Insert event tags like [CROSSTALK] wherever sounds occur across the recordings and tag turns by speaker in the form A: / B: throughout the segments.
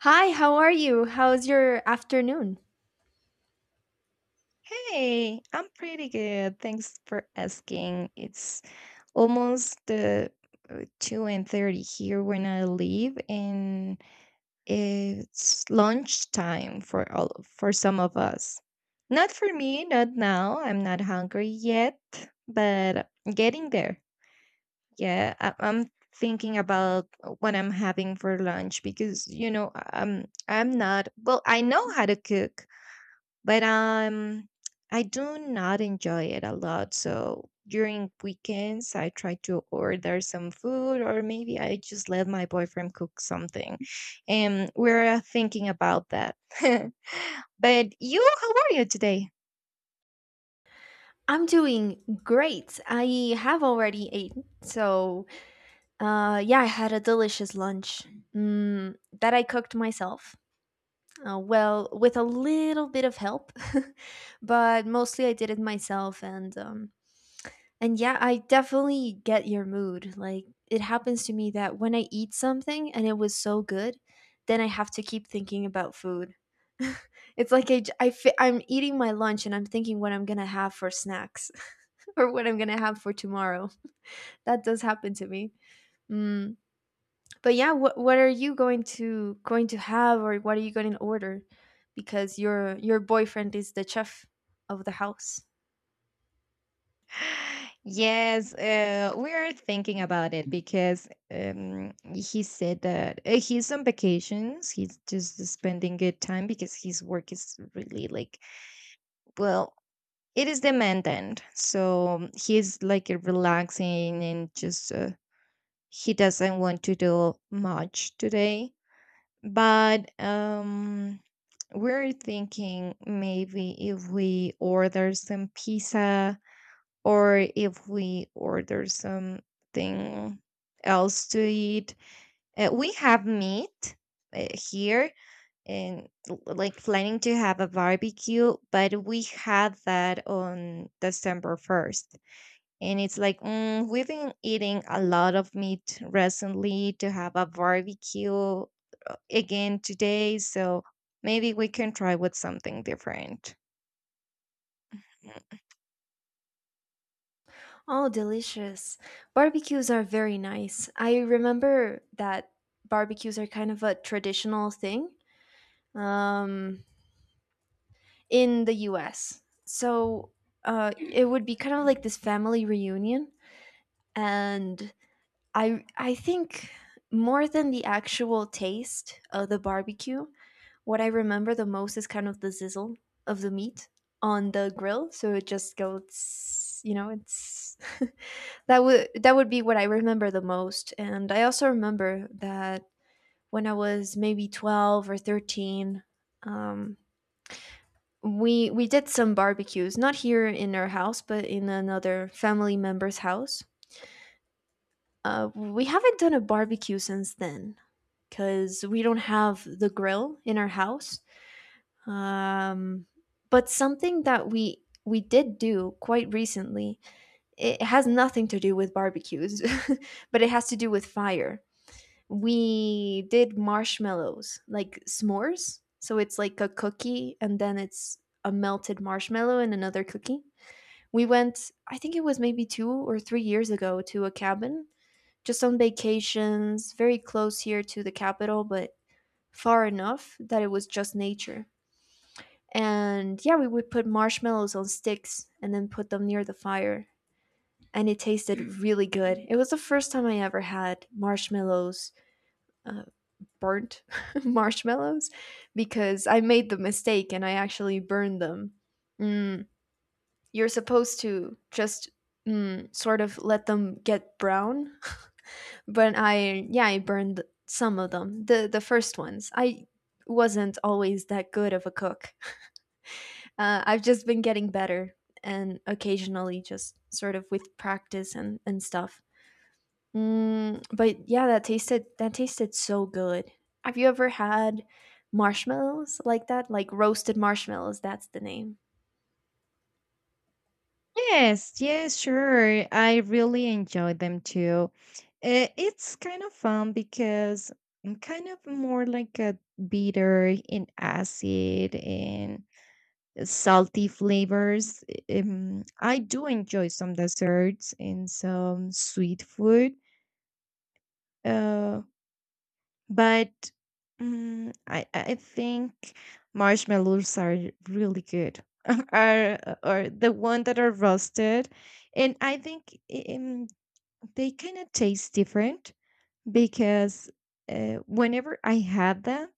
A: Hi, how are you? How's your afternoon?
B: Hey, I'm pretty good. Thanks for asking. It's almost the 2:30 here when I leave, and it's lunchtime for all for some of us. Not for me, not now. I'm not hungry yet, but getting there. Yeah, I'm thinking about what I'm having for lunch because I'm not well. I know how to cook, but I do not enjoy it a lot. So during weekends, I try to order some food, or maybe I just let my boyfriend cook something. And we're thinking about that. [LAUGHS] But you, how are you today?
A: I'm doing great. I have already eaten, so yeah, I had a delicious lunch mm, that I cooked myself. Well, with a little bit of help, [LAUGHS] but mostly I did it myself, and yeah, I definitely get your mood. Like, it happens to me that when I eat something and it was so good, then I have to keep thinking about food. [LAUGHS] It's like I'm eating my lunch and I'm thinking what I'm going to have for snacks, [LAUGHS] or what I'm going to have for tomorrow. That does happen to me. Mm. But yeah, what are you going to have, or what are you going to order, because your boyfriend is the chef of the house?
B: [SIGHS] Yes, we're thinking about it because he said that he's on vacations. He's just spending good time because his work is really like, well, it is the man then. So he's like relaxing and just he doesn't want to do much today. But we're thinking maybe if we order some pizza or if we order something else to eat. We have meat here and like planning to have a barbecue, but we had that on December 1st. And it's like, mm, we've been eating a lot of meat recently to have a barbecue again today. So maybe we can try with something different. Mm.
A: Oh, delicious. Barbecues are very nice. I remember that barbecues are kind of a traditional thing, um, in the US. So it would be kind of like this family reunion. And I think more than the actual taste of the barbecue, what I remember the most is kind of the sizzle of the meat on the grill. So it just goes, you know, it's [LAUGHS] that would be what I remember the most. And I also remember that when I was maybe 12 or 13, um, we did some barbecues, not here in our house, but in another family member's house. We haven't done a barbecue since then, because we don't have the grill in our house. Um, but something that we did do quite recently. It has nothing to do with barbecues, [LAUGHS] but it has to do with fire. We did marshmallows, like s'mores. So it's like a cookie and then it's a melted marshmallow and another cookie. We went, I think it was maybe 2 or 3 years ago, to a cabin just on vacations, very close here to the capital, but far enough that it was just nature. And yeah, we would put marshmallows on sticks and then put them near the fire. And it tasted really good. It was the first time I ever had marshmallows, uh, burnt [LAUGHS] marshmallows, because I made the mistake and I actually burned them. Mm, you're supposed to just sort of let them get brown, [LAUGHS] but yeah, I burned some of them, the first ones. I wasn't always that good of a cook. I've just been getting better and occasionally, just sort of with practice and stuff. Mm, but yeah, that tasted so good. Have you ever had marshmallows like that? Like roasted marshmallows, that's the name.
B: Yes, yes, sure. I really enjoy them too. It's kind of fun because I'm kind of more like a bitter and acid and salty flavors. I do enjoy some desserts and some sweet food, uh, but I think marshmallows are really good. [LAUGHS] Are the one that are roasted, and I think um, they kind of taste different because whenever I had them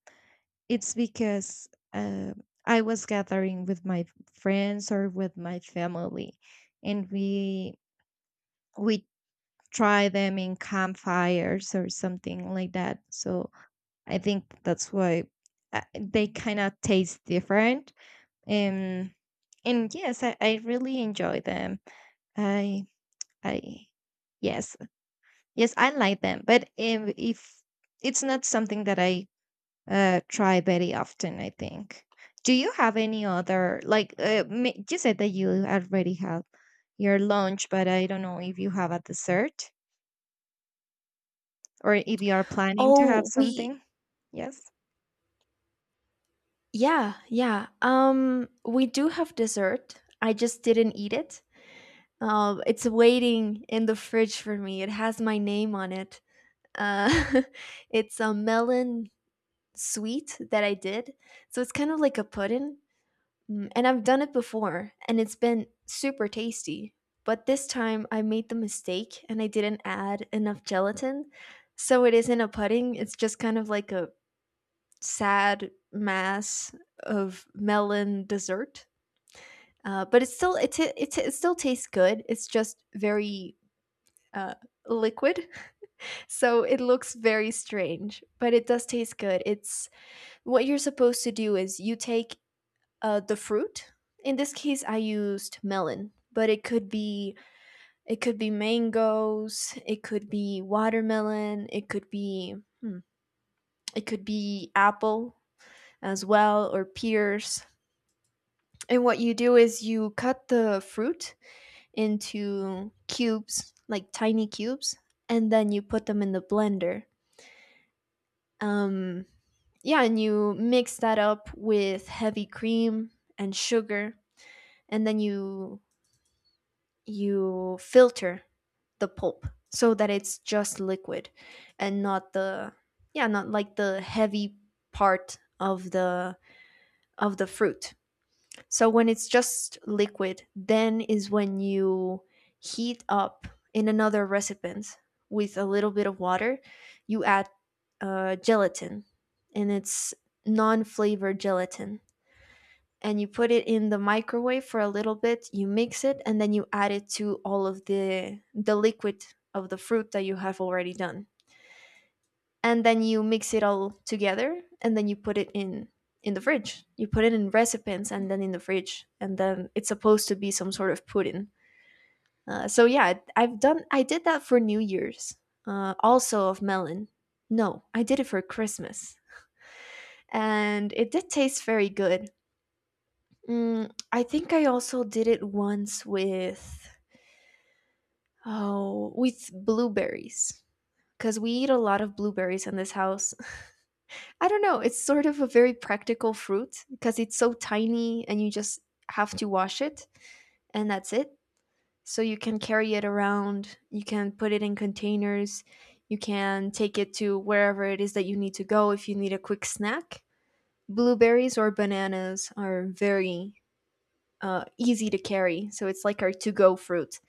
B: it's because I was gathering with my friends or with my family, and we try them in campfires or something like that. So I think that's why they kind of taste different. And and yes, I really enjoy them. I I yes, yes I like them, but if it's not something that I try very often, I think. Do you have any other, like you said that you already have your lunch, but I don't know if you have a dessert or if you are planning to have
A: Oh, we
B: something? Yes.
A: yeah, yeah. Um, we do have dessert. I just didn't eat it. Um, it's waiting in the fridge for me. It has my name on it. Uh, [LAUGHS] it's a melon sweet that I did. So it's kind of like a pudding. Mm, and I've done it before and it's been super tasty. But this time I made the mistake and I didn't add enough gelatin. So it isn't a pudding, it's just kind of like a sad mass of melon dessert. But it still tastes good. It's just very uh, liquid, [LAUGHS] so it looks very strange. But it does taste good. It's what you're supposed to do is you take the fruit. In this case, I used melon, but it could be mangoes, it could be watermelon, it could be hmm, it could be apple as well, or pears. And what you do is you cut the fruit into cubes, like tiny cubes, and then you put them in the blender. Um, yeah, and you mix that up with heavy cream and sugar, and then you filter the pulp so that it's just liquid and not the, yeah, not like the heavy part of the fruit. So when it's just liquid, then is when you heat up, in another recipient, with a little bit of water, you add gelatin, and it's non-flavored gelatin, and you put it in the microwave for a little bit, you mix it, and then you add it to all of the liquid of the fruit that you have already done. And then you mix it all together and then you put it in the fridge. You put it in recipients and then in the fridge, and then it's supposed to be some sort of pudding. So yeah, I did that for New Year's. Also of melon. No, I did it for Christmas. And it did taste very good. Mm, I think I also did it once with, oh, with blueberries, because we eat a lot of blueberries in this house. [LAUGHS] I don't know, it's sort of a very practical fruit because it's so tiny and you just have to wash it and that's it. So you can carry it around, you can put it in containers, you can take it to wherever it is that you need to go if you need a quick snack. Blueberries or bananas are very easy to carry, so it's like our to-go fruit.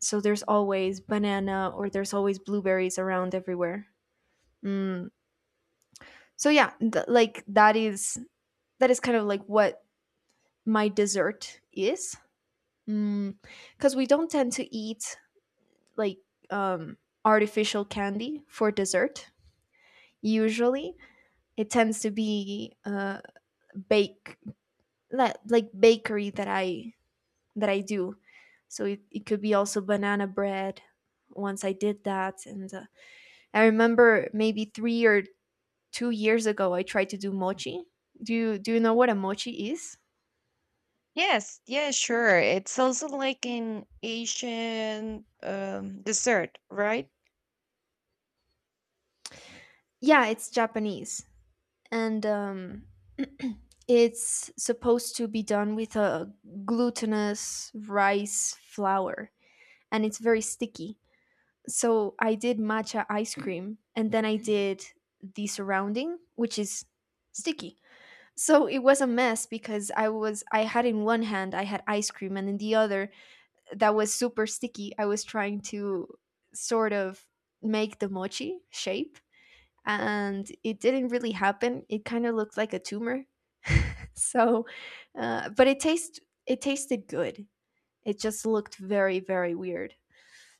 A: So there's always banana or there's always blueberries around everywhere. Mm. So yeah, like that is kind of like what my dessert is, because we don't tend to eat like um, artificial candy for dessert usually. It tends to be bake, like bakery that I do. So it could be also banana bread. Once I did that and I remember maybe 3 or 2 years ago I tried to do mochi. Do you know what a mochi is?
B: Yes, yeah, sure. It's also like an Asian dessert, right?
A: Yeah, it's Japanese, and [CLEARS THROAT] it's supposed to be done with a glutinous rice flour, and it's very sticky. So I did matcha ice cream, and then I did the surrounding, which is sticky. So it was a mess because I had in one hand I had ice cream, and in the other that was super sticky. I was trying to sort of make the mochi shape and it didn't really happen. It kind of looked like a tumor. [LAUGHS] So, but it tasted good. It just looked very very weird.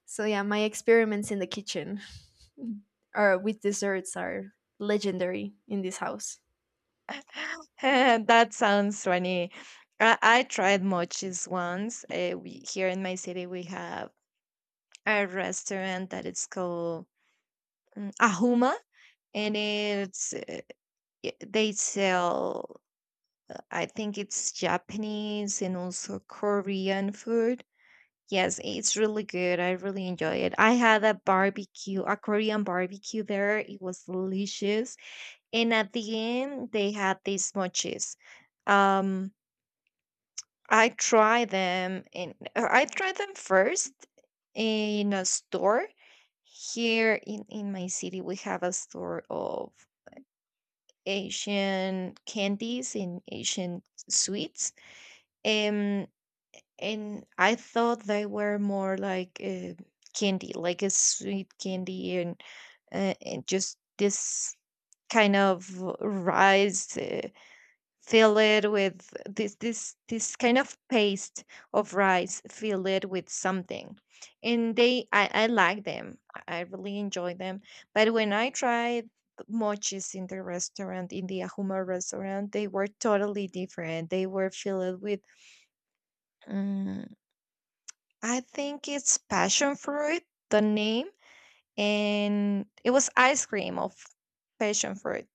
A: So yeah, my experiments in the kitchen [LAUGHS] or with desserts are legendary in this house.
B: [LAUGHS] That sounds funny. I tried mochis once. We, here in my city, we have a restaurant that is called Ahuma, and it's they sell, I think it's Japanese and also Korean food. Yes, it's really good. I really enjoy it. I had a barbecue, a Korean barbecue there. It was delicious. And at the end they had these mochis. um I tried them, and I tried them first in a store. Here in my city we have a store of Asian candies, in Asian sweets. Um, and I thought they were more like candy, like a sweet candy, and and just this kind of rice. Fill it with this kind of paste of rice, fill it with something. And they, I like them. I really enjoy them. But when I tried mochis in the restaurant, in the Ahuma restaurant, they were totally different. They were filled with, mm, I think it's passion fruit, the name. And it was ice cream of passion fruit,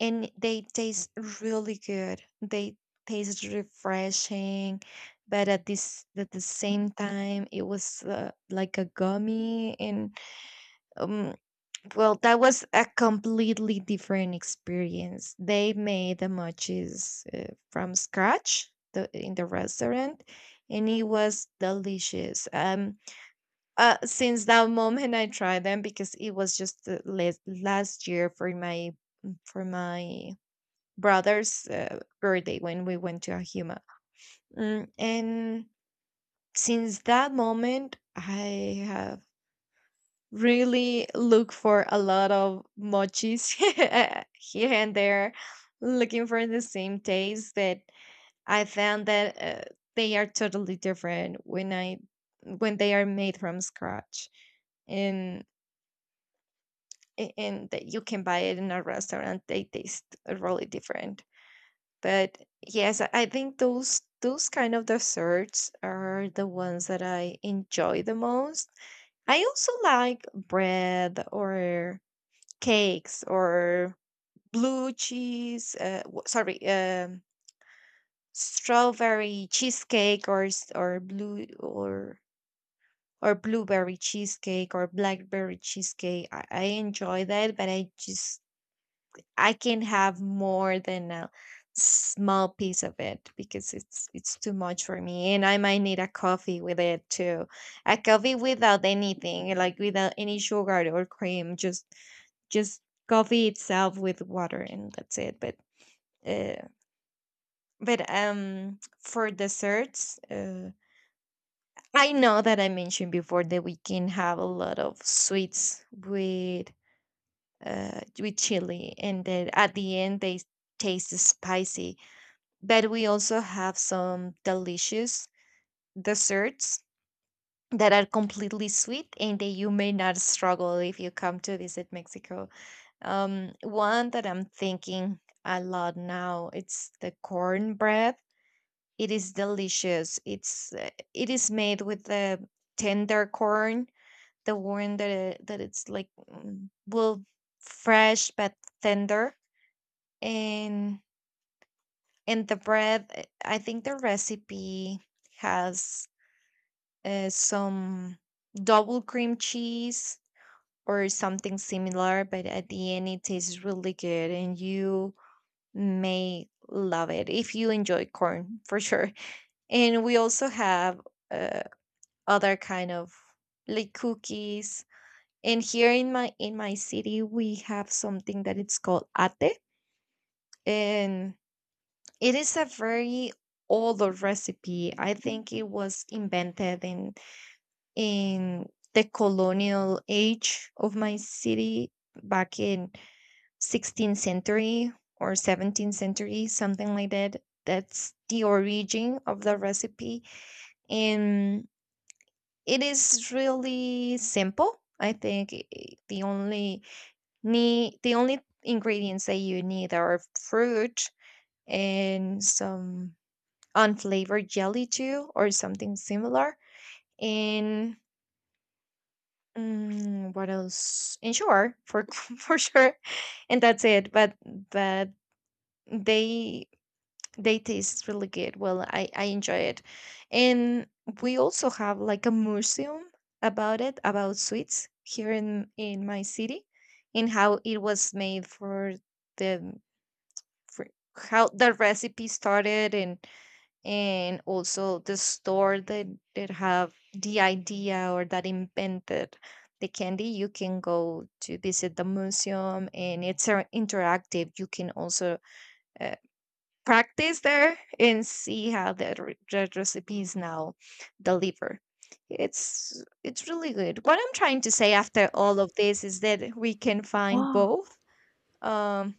B: and they taste really good. They taste refreshing, but at this at the same time, it was like a gummy, and um, well, that was a completely different experience. They made the mochis from scratch, in the restaurant, and it was delicious. Since that moment, I tried them because it was just the last year for my brother's birthday when we went to Ahuma. Mm, and since that moment, I have really looked for a lot of mochis [LAUGHS] here and there, looking for the same taste that I found, that they are totally different when I when they are made from scratch, and that you can buy it in a restaurant. They taste really different. But yes, I think those kind of desserts are the ones that I enjoy the most. I also like bread, or cakes, or blue cheese w- sorry strawberry cheesecake, or s- or blue or blueberry cheesecake, or blackberry cheesecake. I enjoy that, but I just, I can have more than a small piece of it because it's too much for me, and I might need a coffee with it too. A coffee without anything, like without any sugar or cream, just just coffee itself with water, and that's it. But uh, for desserts, I know that I mentioned before that we can have a lot of sweets with chili and then at the end they taste spicy. But we also have some delicious desserts that are completely sweet and that you may not struggle if you come to visit Mexico. One that I'm thinking a lot now, it's the cornbread. It is delicious. It's it is made with the tender corn, the one that it's like mm, well, fresh but tender, and the bread. Uh, I think the recipe has some double cream cheese or something similar, but at the end it tastes really good and you may love it if you enjoy corn for sure. [LAUGHS] And we also have uh, other kind of like cookies. And here in my city we have something that it's called ate, and it is a very old recipe. I think it was invented in in the colonial age of my city, back in 16th century or 17th century, something like that. That's the origin of the recipe. And it is really simple. I think, the only ingredients that you need are fruit and some unflavored jelly too, or something similar. And mm, what else? And sure, for [LAUGHS] for sure, and that's it. But but they they taste really good. Well, I enjoy it, and we also have like a museum about it, about sweets, here in my city, and how it was made for the for how the recipe started. And also the store that have the idea, or that invented the candy. You can go to visit the museum and it's interactive. You can also uh, practice there and see how the, the recipe is now delivered. It's really good. What I'm trying to say after all of this is that we can find
A: Wow.
B: both um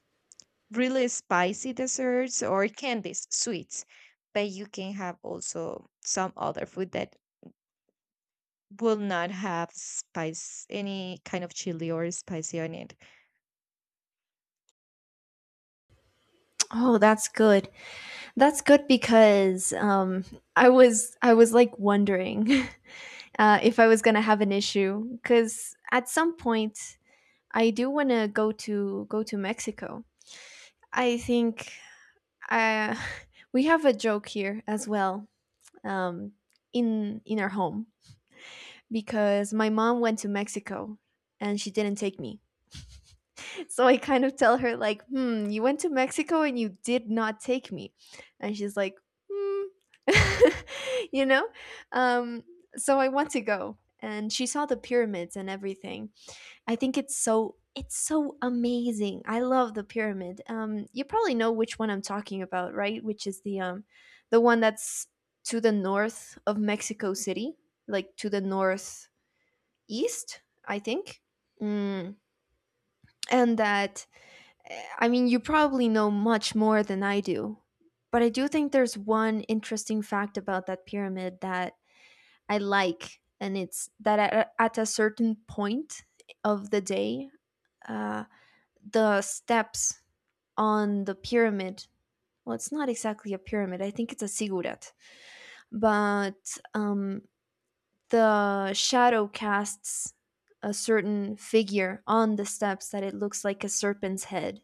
B: really spicy desserts or candies, sweets. But you can have also some other food that will not have spice, any kind of chili or spicy on it.
A: Oh, that's good. That's good because I was like wondering, [LAUGHS] if I was gonna have an issue, because at some point I do wanna go to Mexico. I think uh, [LAUGHS] we have a joke here as well, um, in our home, because my mom went to Mexico and she didn't take me. [LAUGHS] So I kind of tell her, like, hmm, you went to Mexico and you did not take me. And she's like, hmm, [LAUGHS] you know? Um, so I want to go. And she saw the pyramids and everything. I think it's so. It's so amazing. I love the pyramid. You probably know which one I'm talking about, right? Which is the one that's to the north of Mexico City, like to the northeast, I think. Mm. And that, I mean, you probably know much more than I do, but I do think there's one interesting fact about that pyramid that I like, and it's that at a certain point of the day, uh, the steps on the pyramid. Well, it's not exactly a pyramid. I think it's a ziggurat, but the shadow casts a certain figure on the steps that it looks like a serpent's head,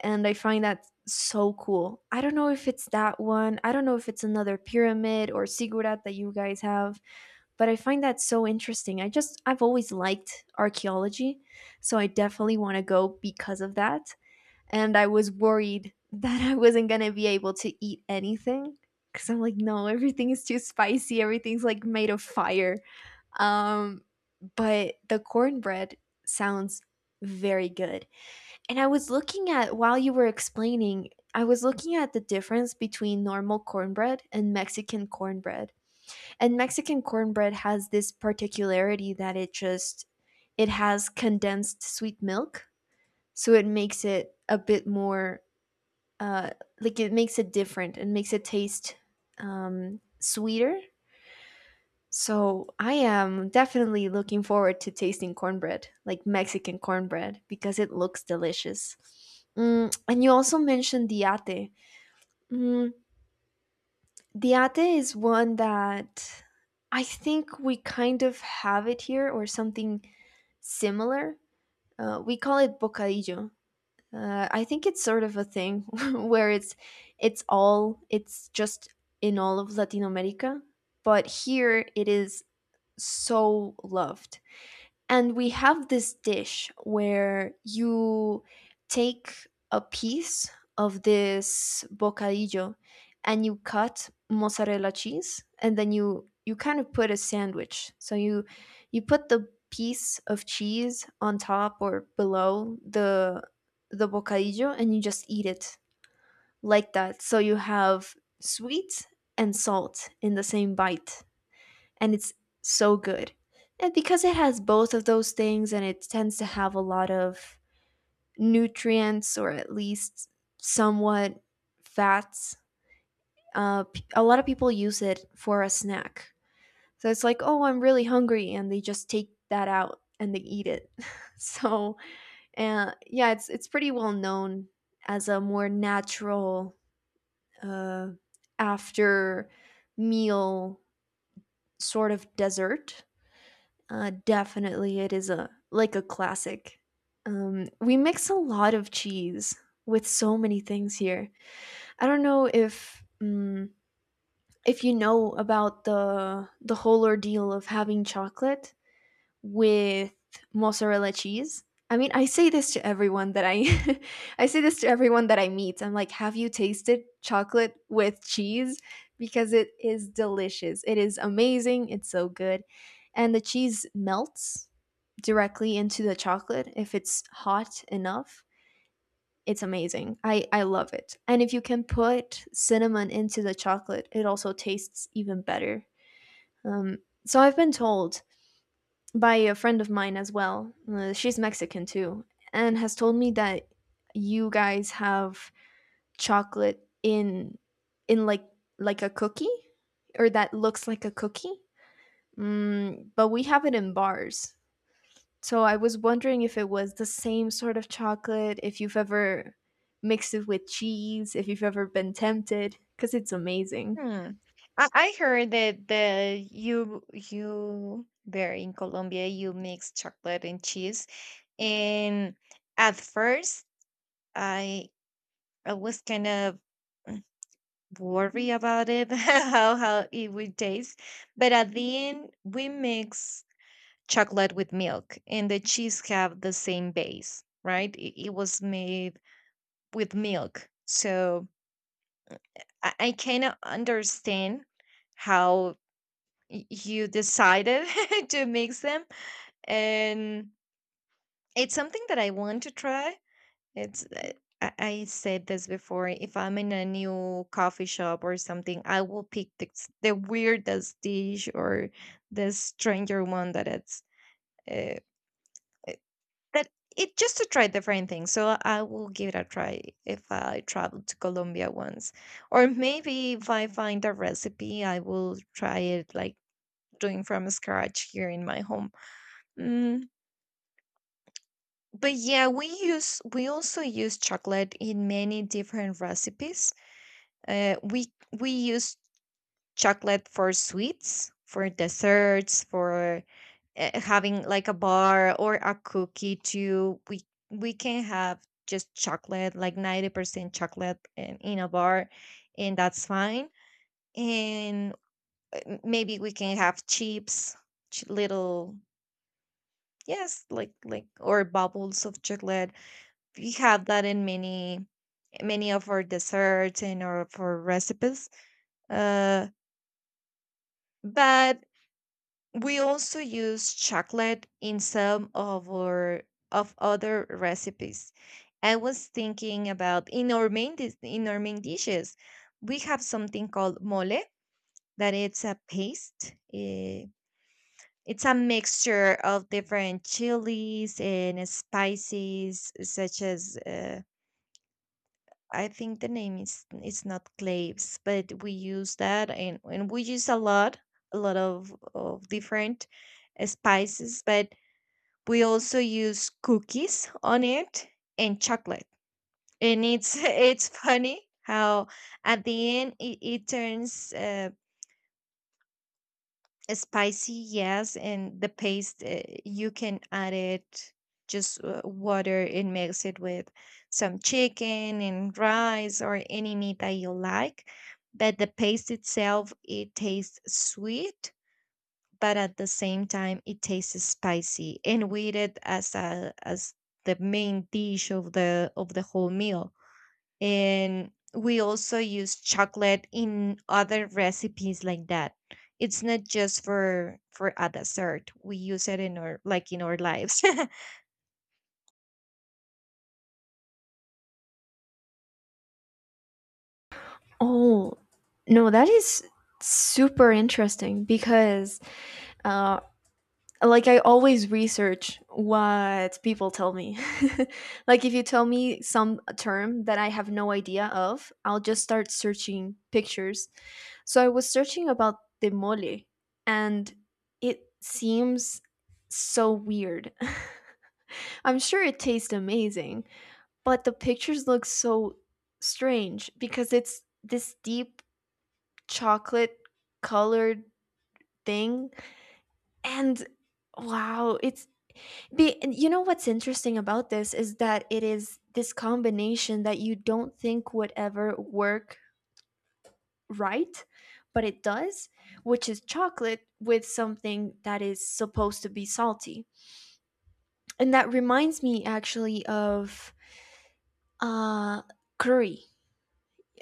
A: and I find that so cool. I don't know if it's that one. I don't know if it's another pyramid or Sigurat that you guys have, but I find that so interesting. I've always liked archaeology, so I definitely want to go because of that. And I was worried [LAUGHS] that I wasn't going to be able to eat anything, cuz I'm like, no, everything is too spicy. Everything's like made of fire. Um, but the cornbread sounds very good, and I was looking at, while you were explaining, I was looking at the difference between normal cornbread and Mexican cornbread. And Mexican cornbread has this particularity that it has condensed sweet milk, so it makes it a bit more uh, like it makes it different and makes it taste sweeter. So I am definitely looking forward to tasting cornbread, like Mexican cornbread, because it looks delicious. Mm, and you also mentioned diate. Mm, diate is one that I think we kind of have it here or something similar. We call it bocadillo. I think it's sort of a thing [LAUGHS] where it's just in all of Latin America, but here it is so loved. And we have this dish where you take a piece of this bocadillo and you cut mozzarella cheese, and then you kind of put a sandwich. So you put the piece of cheese on top or below the bocadillo and you just eat it like that. So you have sweet and salt in the same bite, and it's so good. And because it has both of those things, and it tends to have a lot of nutrients, or at least somewhat fats, a lot of people use it for a snack. So it's like, oh, I'm really hungry, and they just take that out and they eat it. [LAUGHS] So yeah, it's pretty well known as a more natural uh, after meal sort of dessert. Definitely, it is a like a classic. We mix a lot of cheese with so many things here. I don't know if you know about the whole ordeal of having chocolate with mozzarella cheese. I mean, I say this to everyone that I [LAUGHS] I say this to everyone that I meet. I'm like, "Have you tasted chocolate with cheese?" Because it is delicious. It is amazing. It's so good. And the cheese melts directly into the chocolate if it's hot enough. It's amazing. I love it. And if you can put cinnamon into the chocolate, it also tastes even better. Um so I've been told by a friend of mine as well. She's Mexican too, and has told me that you guys have chocolate in in like like a cookie, or that looks like a cookie. Mm, but we have it in bars. So I was wondering if it was the same sort of chocolate, if you've ever mixed it with cheese, if you've ever been tempted, because it's amazing.
B: Hmm. I heard that the you, there in Colombia you mix chocolate and cheese, and at first I I was kind of worry about it [LAUGHS] how it would taste. But at the end we mix chocolate with milk, and the cheese have the same base, right? It was made with milk. So I cannot understand how you decided [LAUGHS] to mix them. And it's something that I want to try. It's I said this before. If I'm in a new coffee shop or something, I will pick the, the weirdest dish, or the stranger one that uh, uh, that it just, to try different things. So I will give it a try if I travel to Colombia once, or maybe if I find a recipe, I will try it like doing from scratch here in my home. Mm, but yeah, we also use chocolate in many different recipes. Uh, we we use chocolate for sweets, for desserts, for having like a bar or a cookie too. We can have just chocolate, like 90% chocolate in a bar, and that's fine. And maybe we can have chips, ch- little yes, like or bubbles of chocolate. We have that in many of our desserts and our for recipes. Uh, but We also use chocolate in some of our of other recipes. I was thinking about, in our main dishes, we have something called mole, that it's a paste. Eh, it's a mixture of different chilies and spices, such as I think the name is, it's not claves, but we use that. And we use a lot of different spices. But we also use cookies on it, and chocolate. And it's [LAUGHS] it's funny how at the end it turns spicy, yes. And the paste, you can add it just water and mix it with some chicken and rice or any meat that you like. But the paste itself, it tastes sweet, but at the same time it tastes spicy, and with it as a as the main dish of the whole meal. And we also use chocolate in other recipes like that. It's not just for a dessert. We use it in our, like in our lives.
A: Oh, no, that is super interesting because uh, like I always research what people tell me. [LAUGHS] Like if you tell me some term that I have no idea of, I'll just start searching pictures. So I was searching about the mole, and it seems so weird. [LAUGHS] I'm sure it tastes amazing, but the pictures look so strange because it's this deep chocolate colored thing, and wow, and you know what's interesting about this is that it is this combination that you don't think would ever work, right, but it does, which is chocolate with something that is supposed to be salty. And that reminds me actually of uh, curry,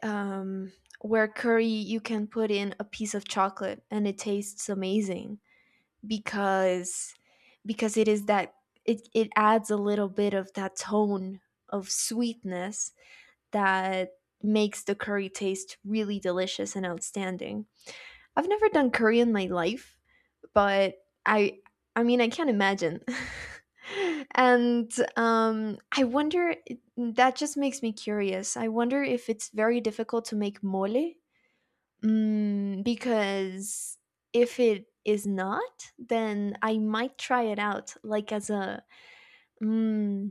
A: um, where curry you can put in a piece of chocolate and it tastes amazing. because because it is that it adds a little bit of that tone of sweetness that makes the curry taste really delicious and outstanding. I've never done curry in my life, but I I mean I can't imagine. [LAUGHS] And I wonder, that just makes me curious. I wonder if it's very difficult to make mole. Mm, because if it is not, then I might try it out, like as a mm,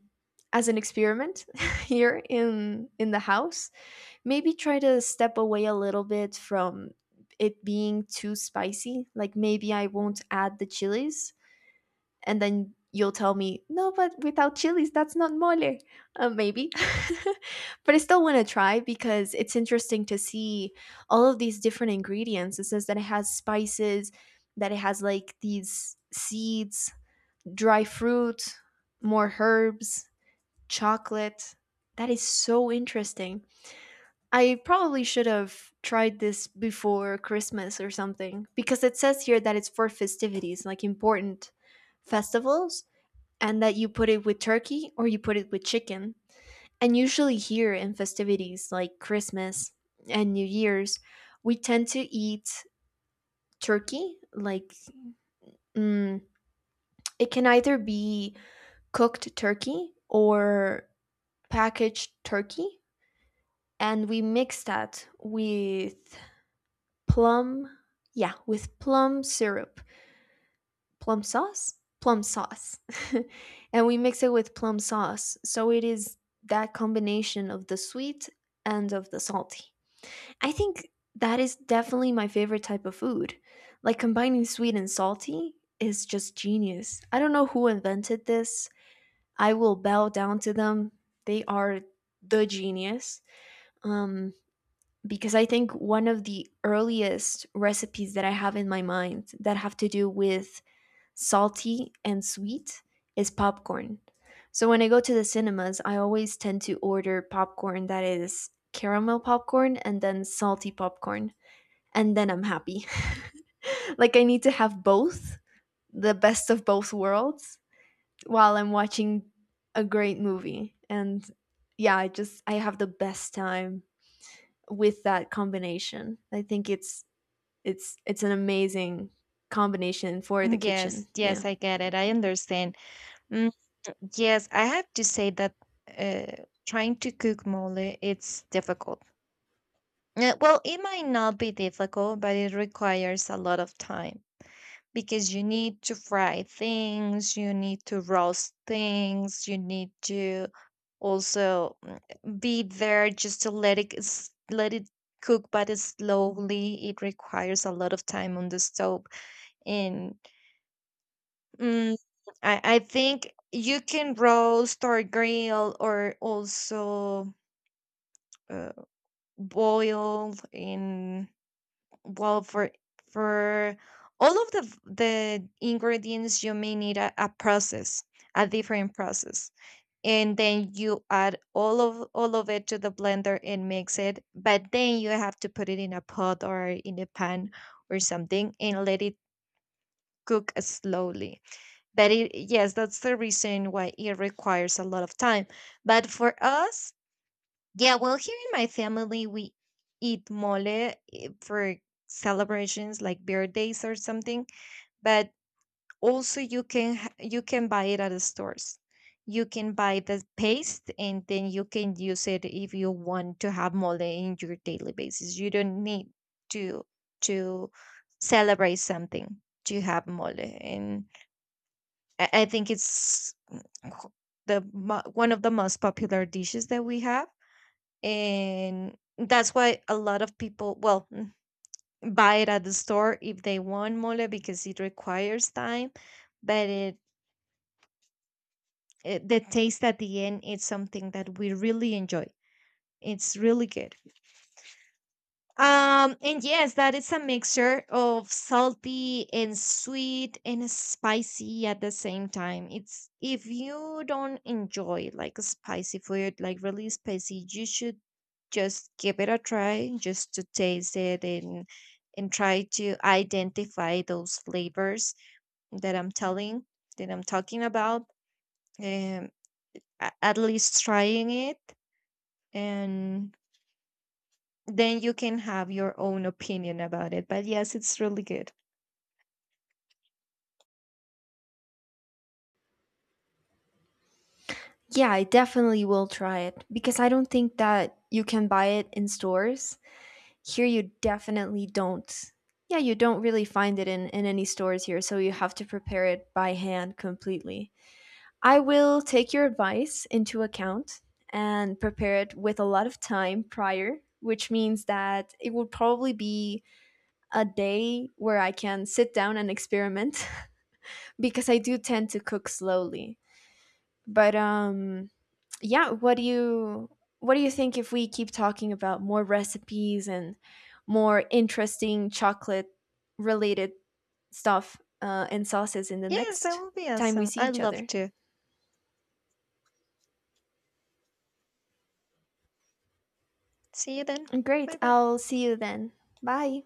A: as an experiment [LAUGHS] here in the house. Maybe try to step away a little bit from it being too spicy. Like maybe I won't add the chilies, and then you'll tell me, no, but without chilies that's not mole. Maybe. [LAUGHS] But I still want to try, because it's interesting to see all of these different ingredients. It says that it has spices, that it has like these seeds, dry fruit, more herbs, chocolate. That is so interesting. I probably should have tried this before Christmas or something, because it says here that it's for festivities, like important festivals, and that you put it with turkey or you put it with chicken. And usually here, in festivities like Christmas and New Year's, we tend to eat turkey. Like, mm, it can either be cooked turkey or packaged turkey. And we mix that with plum, yeah, with plum syrup. Plum sauce, plum sauce, [LAUGHS] and we mix it with plum sauce. So it is that combination of the sweet and of the salty. I think that is definitely my favorite type of food. Like combining sweet and salty is just genius. I don't know who invented this. I will bow down to them. They are the genius. Um, because I think one of the earliest recipes that I have in my mind that have to do with salty and sweet is popcorn. So when I go to the cinemas, I always tend to order popcorn, that is caramel popcorn and then salty popcorn. And then I'm happy. [LAUGHS] Like I need to have both, the best of both worlds, while I'm watching a great movie. And yeah, I just I have the best time with that combination. I think it's an amazing combination for the
B: [LAUGHS]
A: kitchen.
B: Yes,
A: Yeah.
B: yes, I get it, I understand. Mm, yes, I have to say that trying to cook mole, it's difficult. Yeah, well, it might not be difficult, but it requires a lot of time because you need to fry things, you need to roast things, you need to also be there just to let let it cook, but it's slowly. It requires a lot of time on the stove, and mm, I think you can roast or grill or also uh, boil in. Well, for for all of the ingredients, you may need a process, a different process. And then you add all of it to the blender and mix it. But then you have to put it in a pot or in a pan or something, and let it cook slowly. But it, yes, that's the reason why it requires a lot of time. But for us, yeah, well, here in my family, we eat mole, eh, for celebrations like birthdays or something. But also you can you can buy it at the stores. You can buy the paste and then you can use it if you want to have mole in your daily basis. You don't need to to celebrate something to have mole. And I think it's qu- one of the most popular dishes that we have, and that's why a lot of people, well, mm, buy it at the store if they want mole, because it requires time. But it, the taste at the end is something that we really enjoy. It's really good. And yes, that is a mixture of salty and sweet and spicy at the same time. It's, if you don't enjoy like spicy food, like really spicy, you should just give it a try just to taste it, and try to identify those flavors that I'm telling that I'm talking about. Um, at least trying it, and then you can have your own opinion about it. But yes, it's really good.
A: Yeah, I definitely will try it because I don't think that you can buy it in stores. Here, you definitely don't. Yeah, you don't really find it in any stores here, so you have to prepare it by hand completely. I will take your advice into account and prepare it with a lot of time prior, which means that it will probably be a day where I can sit down and experiment [LAUGHS] because I do tend to cook slowly. But yeah, what do you, what do you think if we keep talking about more recipes and more interesting chocolate related stuff, and sauces in the
B: Yes, that
A: next
B: will be
A: time we
B: awesome.
A: see
B: I
A: each
B: love
A: other.
B: to. See you then.
A: Great,
B: Bye bye.
A: I'll see you then. Bye.